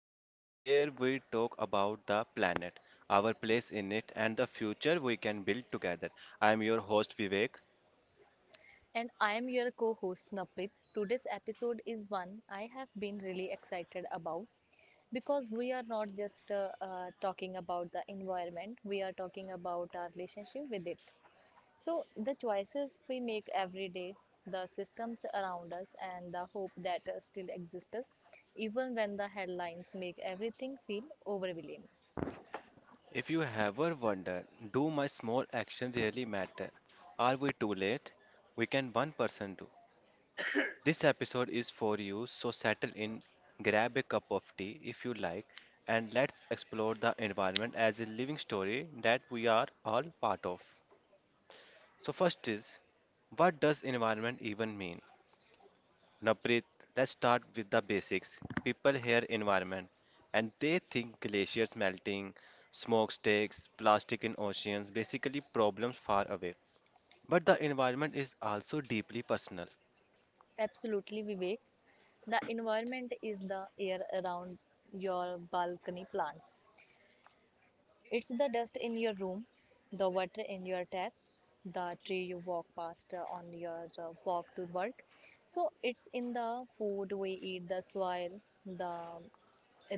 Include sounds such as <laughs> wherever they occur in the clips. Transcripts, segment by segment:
space where we talk about the planet, our place in it, and the future we can build together. I am your host, Vivek. And I am your co host Napit. Today's episode is one I have been really excited about because we are not just talking about the environment, we are talking about our relationship with it. So, the choices we make every day, the systems around us, and the hope that still exists, even when the headlines make everything feel overwhelming. If you ever wonder, do my small action really matter? Are we too late? We can one person do. This episode is for you, so settle in, grab a cup of tea if you like, and let's explore the environment as a living story that we are all part of. So, first is, what does environment even mean? Naprit, let's start with the basics. People hear environment and they think glaciers melting, smokestacks, plastic in oceans, basically problems far away. But the environment is also deeply personal. Absolutely, Vivek. The environment is the air around your balcony plants. It's the dust in your room, the water in your tap, the tree you walk past on your walk to work. So it's in the food we eat, the soil, the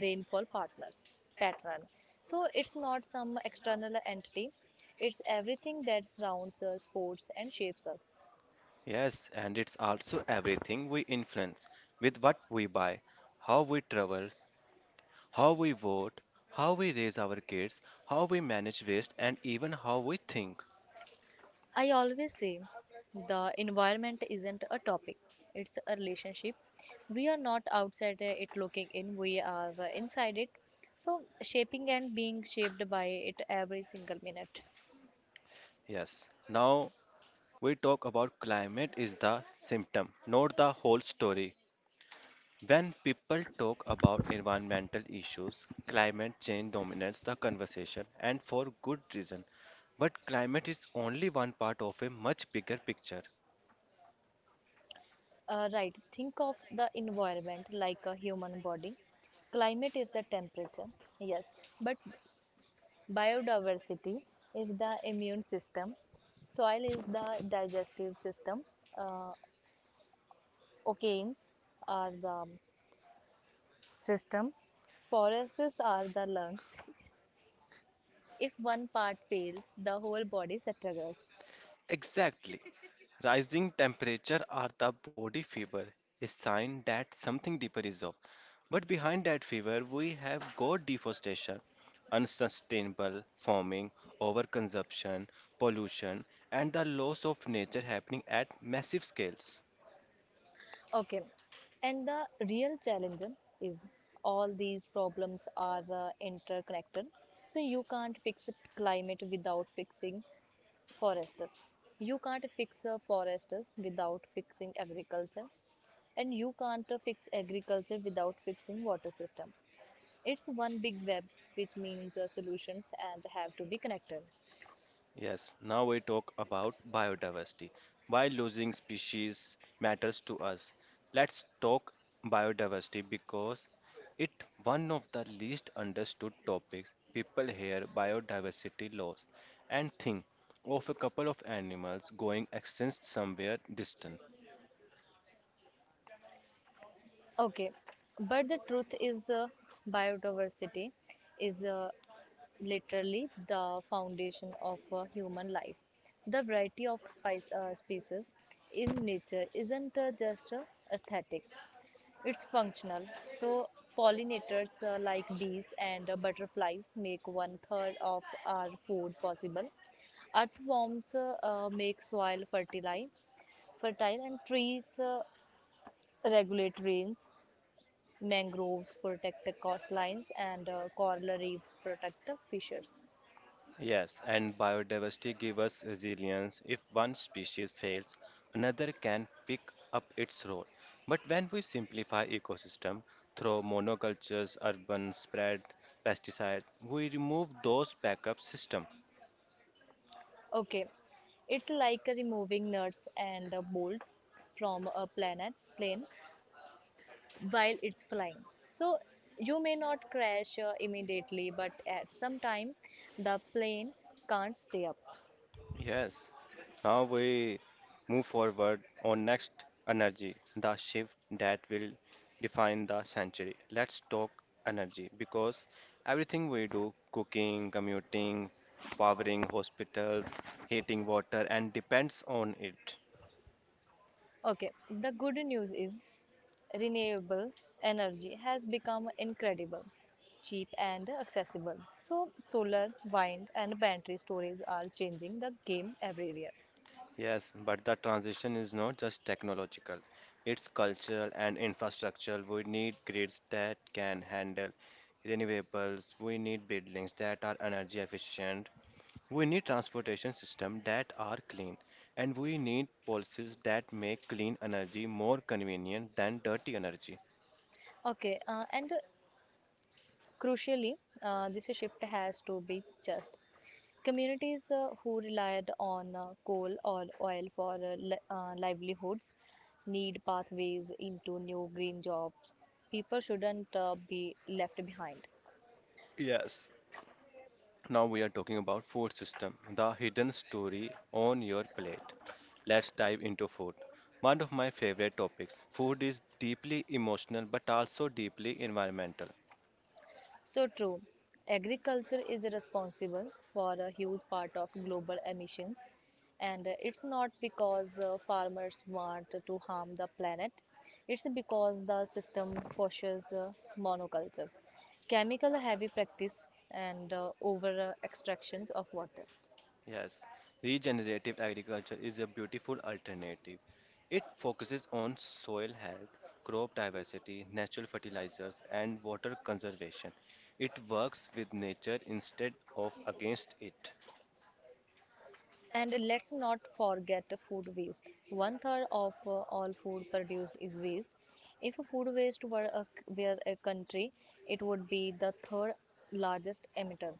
rainfall partners pattern. So it's not some external entity. It's everything that surrounds us, supports and shapes us. Yes, and it's also everything we influence with what we buy, how we travel, how we vote, how we raise our kids, how we manage waste, and even how we think. I always say the environment isn't a topic, it's a relationship. We are not outside it looking in, we are inside it. So, shaping and being shaped by it every single minute. Yes. Now, we talk about climate is the symptom, not the whole story. When people talk about environmental issues, climate change dominates the conversation and for good reason. But climate is only one part of a much bigger picture. Right, think of the environment like a human body. Climate is the temperature, yes, but biodiversity is the immune system, soil is the digestive system, uh, oceans are the system. Forests are the lungs. If one part fails, the whole body struggles. Exactly. Rising temperature or the body fever is sign that something deeper is up. But behind that fever, we have got deforestation, unsustainable farming, overconsumption, pollution, and the loss of nature happening at massive scales. Okay, and the real challenge is all these problems are interconnected. So you can't fix it climate without fixing forests. You can't fix forests without fixing agriculture, and you can't fix agriculture without fixing water system. It's one big web, which means solutions and have to be connected. Yes, now we talk about biodiversity. Why losing species matters to us. Let's talk biodiversity because it one of the least understood topics. People hear biodiversity loss and think of a couple of animals going extinct somewhere distant. Okay, but the truth is biodiversity is literally the foundation of human life. The variety of species in nature isn't just aesthetic, it's functional. So, pollinators like bees and butterflies make one third of our food possible. Earthworms make soil fertile, and trees regulate rains, mangroves protect coastlines, and coral reefs protect fishers. Yes, and biodiversity gives us resilience. If one species fails, another can pick up its role. But when we simplify ecosystem through monocultures, urban spread, pesticides, we remove those backup system. Okay, it's like removing nuts and bolts from a planet plane while it's flying. So you may not crash immediately, but at some time the plane can't stay up. Yes. Now we move forward on next energy, the shift that will define the century. Let's talk energy because everything we do, cooking, commuting, powering hospitals, heating water, and depends on it. Okay, the good news is renewable energy has become incredible, cheap and accessible. So solar, wind and battery storage are changing the game everywhere. Yes, but the transition is not just technological, it's cultural and infrastructural. We need grids that can handle renewables, we need buildings that are energy efficient. We need transportation systems that are clean, and we need policies that make clean energy more convenient than dirty energy. Okay, and crucially, this shift has to be just. Communities who relied on coal or oil for livelihoods need pathways into new green jobs. People shouldn't be left behind. Yes. Now we are talking about food system, the hidden story on your plate. Let's dive into food. One of my favorite topics. Food is deeply emotional but also deeply environmental. So true. Agriculture is responsible for a huge part of global emissions, and it's not because farmers want to harm the planet, it's because the system pushes monocultures, chemical heavy practice, and over extractions of water. Yes, regenerative agriculture is a beautiful alternative. It focuses on soil health, crop diversity, natural fertilizers, and water conservation. It works with nature instead of against it. And let's not forget food waste. One third of all food produced is waste. If food waste were were a country, it would be the third largest emitter.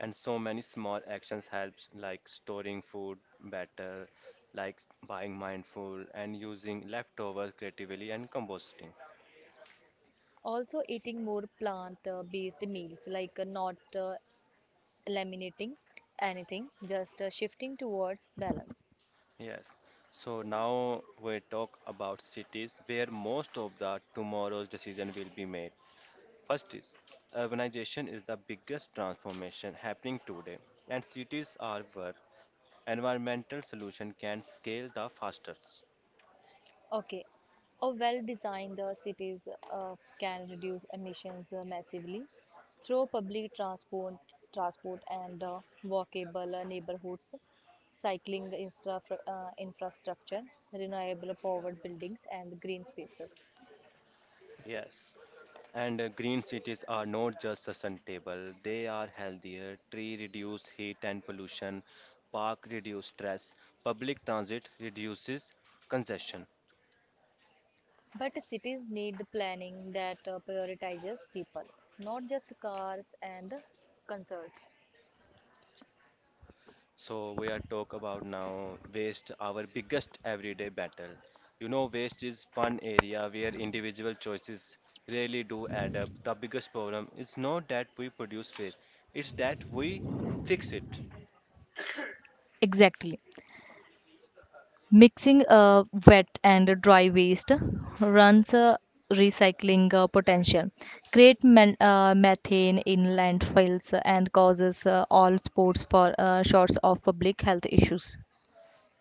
And so many small actions helps, like storing food better, like buying mindful and using leftovers creatively and composting. Also, eating more plant based meals, like not eliminating anything, just shifting towards balance. Yes. So now we talk about cities where most of the tomorrow's decision will be made. First is urbanization is the biggest transformation happening today, and cities are where environmental solution can scale the fastest. Okay. A well-designed cities can reduce emissions massively through public transport and walkable neighborhoods, cycling infrastructure, renewable powered buildings, and green spaces. Yes. And green cities are not just sustainable, they are healthier. Tree reduce heat and pollution, park reduce stress, public transit reduces congestion. But cities need planning that prioritizes people, not just cars and concert. So we are talk about now waste, our biggest everyday battle. You know, waste is one area where individual choices really do add up. The biggest problem is not that we produce waste, it's that we fix it. Exactly. Mixing wet and dry waste runs a recycling potential, create methane in landfills and causes all sports for shorts of public health issues.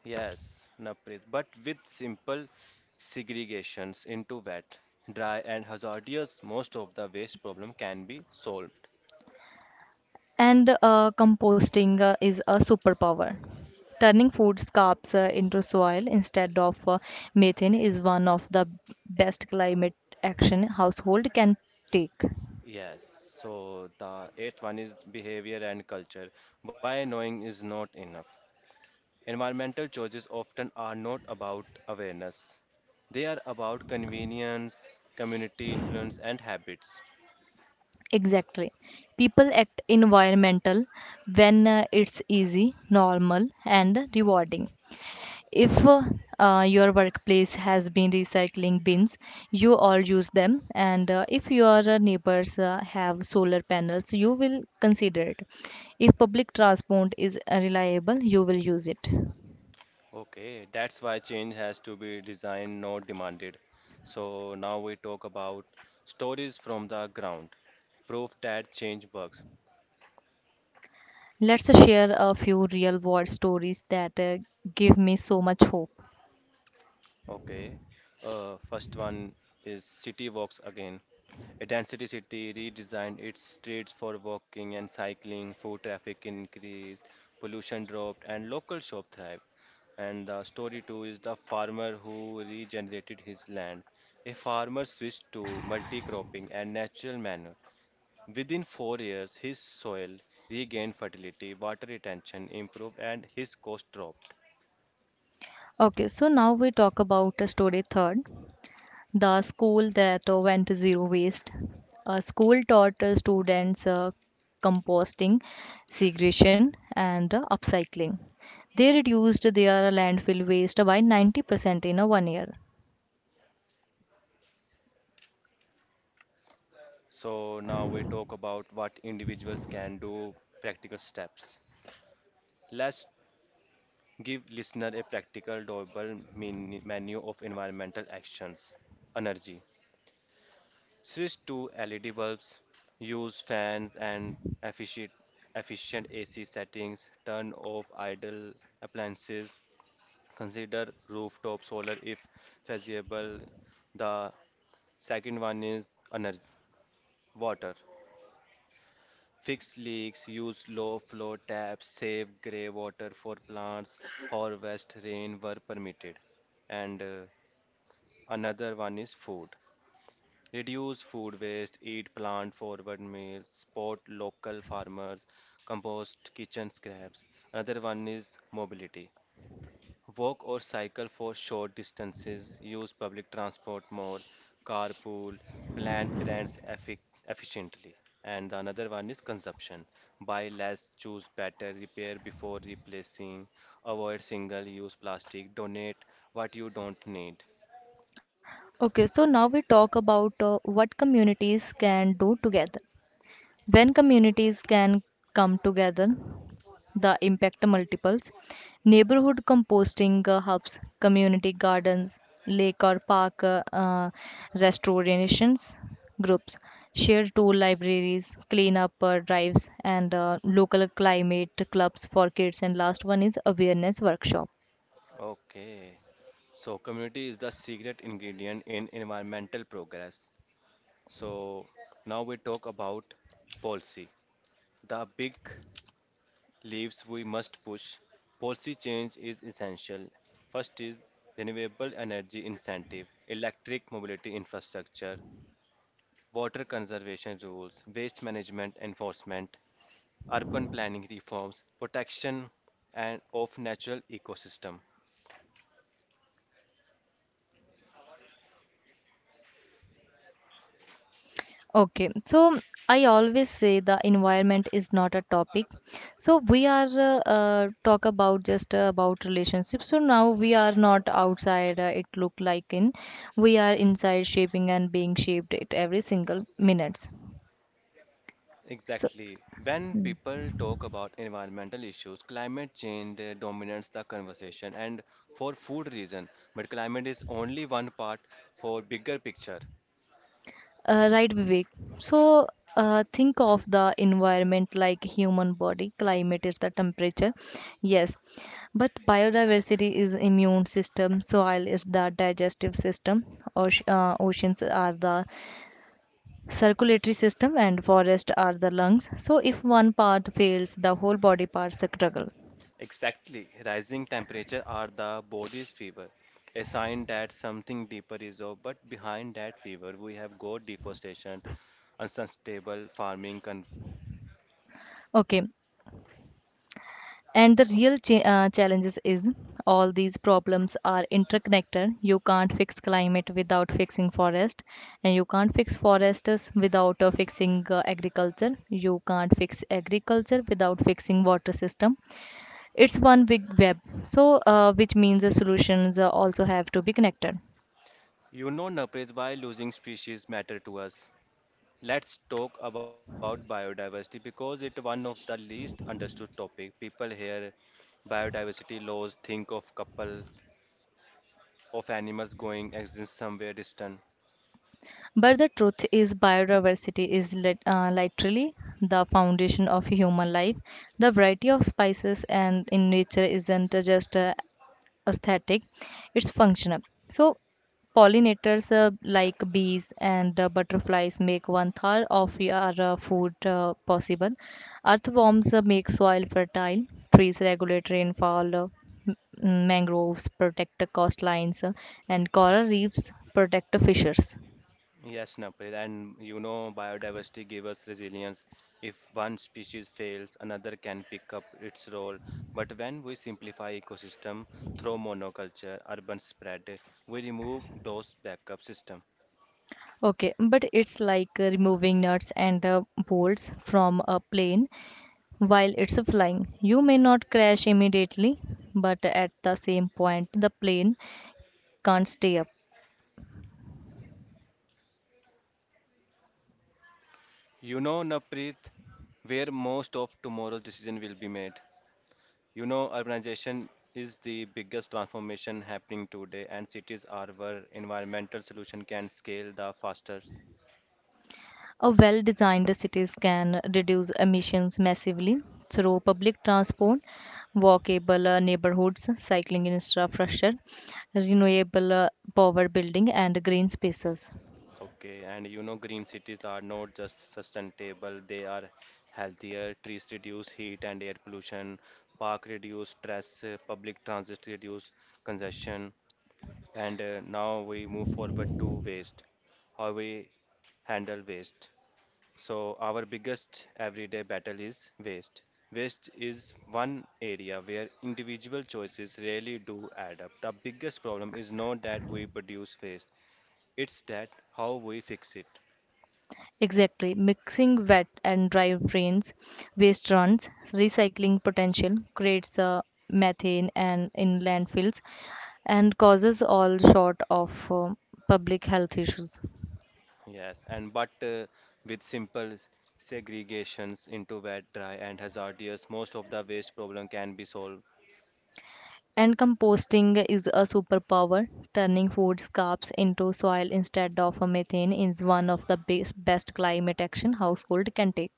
Yes, Naprit, but with simple segregations into wet, dry, and hazardous, most of the waste problem can be solved. And composting is a superpower. Turning food scraps into soil instead of methane is one of the best climate action household can take. Yes, so the eighth one is behavior and culture. Why knowing is not enough. Environmental choices often are not about awareness. They are about convenience, community influence, and habits. Exactly. People act environmental when it's easy, normal, and rewarding. If your workplace has been recycling bins, you all use them, and if your neighbors have solar panels, you will consider it. If public transport is reliable, you will use it. Okay, that's why change has to be designed, not demanded. So now we talk about stories from the ground, proof that change works. Let's share a few real world stories that give me so much hope. Okay, first one is city walks again. A density city redesigned its streets for walking and cycling, foot traffic increased, pollution dropped, and local shop thrived. And the story two is the farmer who regenerated his land. A farmer switched to multi-cropping and natural manure. Within 4 years, his soil regained fertility, water retention improved, and his cost dropped. Okay, so now we talk about story third. The school that went zero waste. A school taught students composting, segregation, and upcycling. They reduced their landfill waste by 90% in a 1 year. So now we talk about what individuals can do, practical steps. Let's give listener a practical, doable menu of environmental actions. Energy. Switch to LED bulbs, use fans and efficient, efficient AC settings, turn off idle appliances, consider rooftop solar if feasible. The second one is energy, water. Fix leaks, use low flow taps, save grey water for plants, harvest rain where permitted. And another one is food. Reduce food waste, eat plant forward meals, support local farmers, compost kitchen scraps. Another one is mobility. Walk or cycle for short distances, use public transport more, carpool, plan errands efficiently. And the another one is consumption. Buy less, choose better, repair before replacing, avoid single use plastic, donate what you don't need. Okay, so now we talk about what communities can do together. When communities can come together, the impact multiples. Neighborhood composting hubs, community gardens, lake or park restorations groups, shared tool libraries, cleanup drives, and local climate clubs for kids. And last one is awareness workshop. Okay. So community is the secret ingredient in environmental progress. So now we talk about policy. The big leaves we must push. Policy change is essential. First is renewable energy incentive, electric mobility infrastructure, water conservation rules, waste management enforcement, urban planning reforms, protection and of natural ecosystem. Okay, so I always say the environment is not a topic. So we are talk about just about relationships. So now we are not outside. It look like in we are inside shaping and being shaped It every single minutes. So, Exactly. When hmm. people talk about environmental issues, climate change dominates the conversation and for food reason. But climate is only one part for bigger picture. Right, Vivek. So, think of the environment like human body. Climate is the temperature. Yes, but biodiversity is immune system. Soil is the digestive system. Oceans are the circulatory system, and forest are the lungs. So, if one part fails, the whole body parts struggle. Exactly. Rising temperature are the body's fever, a sign that something deeper is up. But behind that fever, we have got deforestation, unsustainable farming. Okay, and the real challenges is all these problems are interconnected. You can't fix climate without fixing forest, and you can't fix forests without fixing agriculture. You can't fix agriculture without fixing water system. It's one big web. So, which means the solutions also have to be connected. You know, Naprit, why losing species matter to us? Let's talk about biodiversity because it's one of the least understood topic. People hear biodiversity laws, think of couple of animals going extinct somewhere distant. But the truth is, biodiversity is literally the foundation of human life. The variety of spices and in nature isn't just aesthetic, it's functional. So pollinators like bees and butterflies make one third of your food possible. Earthworms make soil fertile. Trees regulate rainfall. M- Mangroves protect the coastlines, and coral reefs protect the fishers. Yes, Naprit, and you know biodiversity give us resilience. If one species fails, another can pick up its role. But when we simplify ecosystem through monoculture, urban spread, we remove those backup system. Okay, but it's like removing nuts and bolts from a plane. While it's flying, you may not crash immediately, but at the same point, the plane can't stay up. You know, Naprit, where most of tomorrow's decision will be made. You know, urbanization is the biggest transformation happening today, and cities are where environmental solution can scale the fastest. A well designed cities can reduce emissions massively through public transport, walkable neighborhoods, cycling infrastructure, renewable power building, and green spaces. Okay, and you know, green cities are not just sustainable, they are healthier. Trees reduce heat and air pollution, park reduce stress, public transit reduce congestion, and now we move forward to waste, how we handle waste. So, our biggest everyday battle is waste. Waste is one area where individual choices really do add up. The biggest problem is not that we produce waste, it's that how we fix it. Exactly. Mixing wet and dry rains, waste runs, recycling potential creates methane and in landfills and causes all sort of public health issues. Yes, and but with simple segregations into wet, dry, and hazardous, most of the waste problem can be solved. And composting is a superpower. Turning food scraps into soil instead of a methane is one of the best climate action household can take.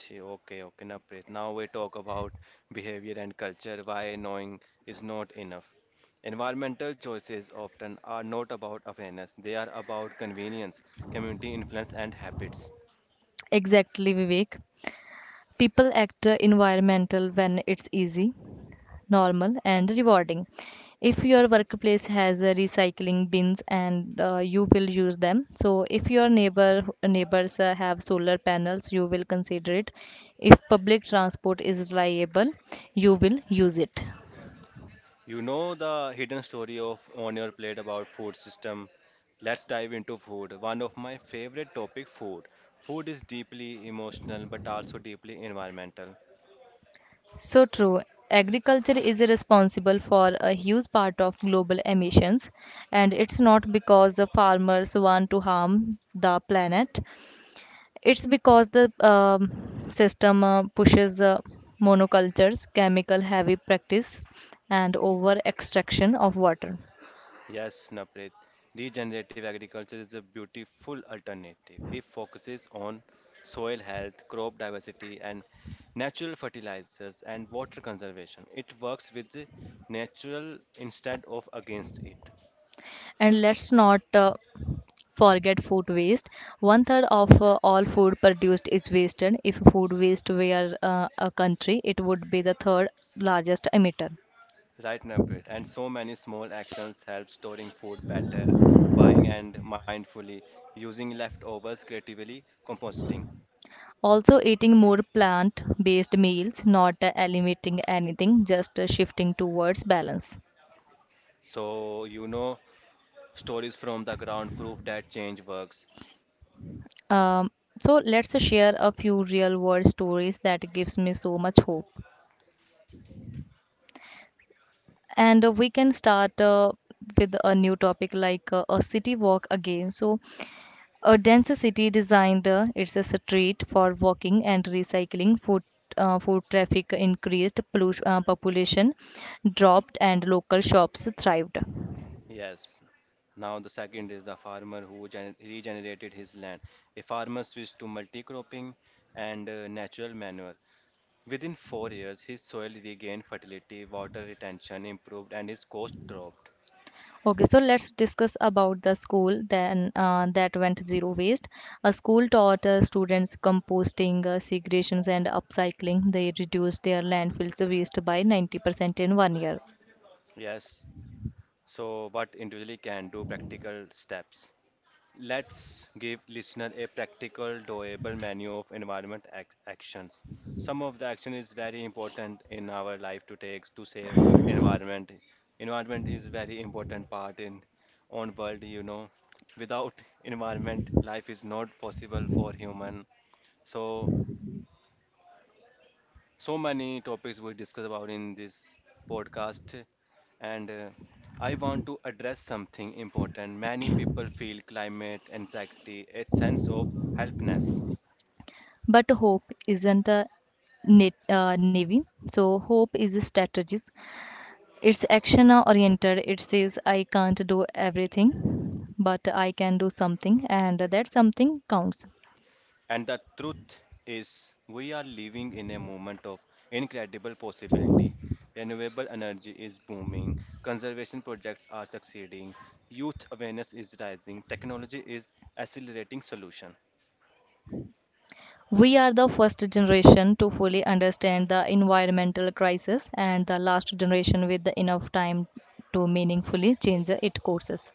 Gee. Okay, okay, Naprit. Now we talk about behavior and culture, why knowing is not enough. Environmental choices often are not about awareness, they are about convenience, community influence, and habits. Exactly, Vivek. People act environmental when it's easy, normal, and rewarding. If your workplace has recycling bins and you will use them. So if your neighbors have solar panels, you will consider it. If public transport is reliable, you will use it. You know the hidden story of on your plate about food system. Let's dive into food. One of my favorite topic, food. Food is deeply emotional but also deeply environmental. So true. Agriculture is responsible for a huge part of global emissions, and it's not because the farmers want to harm the planet. It's because the system pushes monocultures, chemical heavy practice, and over extraction of water. Yes, Naprit. Regenerative agriculture is a beautiful alternative. It focuses on soil health, crop diversity, and natural fertilizers and water conservation. It works with the natural instead of against it. And let's not forget food waste. One third of all food produced is wasted. If food waste were a country, it would be the third largest emitter. Right, Naprit. And so many small actions help storing food better, buying and mindfully, using leftovers creatively, composting. Also, eating more plant based meals, not eliminating anything, just shifting towards balance. So, you know, stories from the ground prove that change works. Um, so let's share a few real world stories that gives me so much hope. And we can start with a new topic like a city walk again. So a dense city designed it's a street for walking and recycling food traffic increased, population dropped, and local shops thrived. Yes. Now, the second is the farmer who regenerated his land. A farmer switched to multi-cropping and natural manure. Within 4 years, his soil regained fertility, water retention improved, and his cost dropped. Okay, so let's discuss about the school then that went zero waste. A school taught students composting, segregations, and upcycling. They reduced their landfills waste by 90% in 1 year. Yes. So, what individually can do practical steps? Let's give listener a practical, doable menu of environment actions. Some of the action is very important in our life to take to save environment. Environment is very important part in on world, you know. Without <laughs> environment, life is not possible for human. So so many topics we discuss about in this podcast, and I want to address something important. Many people feel climate anxiety, a sense of helplessness, But hope isn't a navy. So hope is a strategy. It's action oriented. It says I can't do everything, but I can do something, and that something counts. and the truth is, we are living in a moment of incredible possibility. Renewable energy is booming, conservation projects are succeeding, youth awareness is rising, technology is accelerating solution. We are the first generation to fully understand the environmental crisis and the last generation with the enough time to meaningfully change its courses.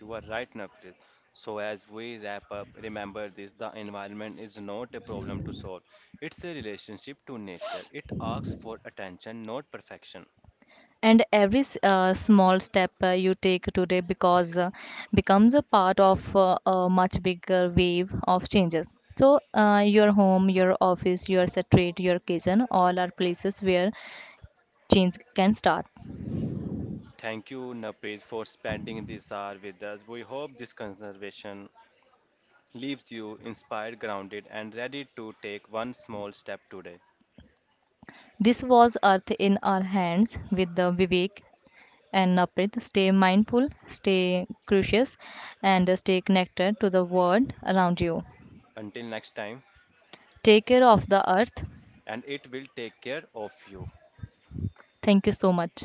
You are right, Navdeep. So, as we wrap up, remember this the environment is not a problem to solve, it's a relationship to nature. It asks for attention, not perfection. And every small step you take today because becomes a part of a much bigger wave of changes. So your home, your office, your street, your kitchen, all are places where change can start. Thank you, Navdeep, for spending this hour with us. We hope this conservation leaves you inspired, grounded, and ready to take one small step today. This was Earth in Our Hands with the Vivek and Naprit. Stay mindful, stay curious, and stay connected to the world around you. Until next time, Take care of the earth. and it will take care of you. Thank you so much.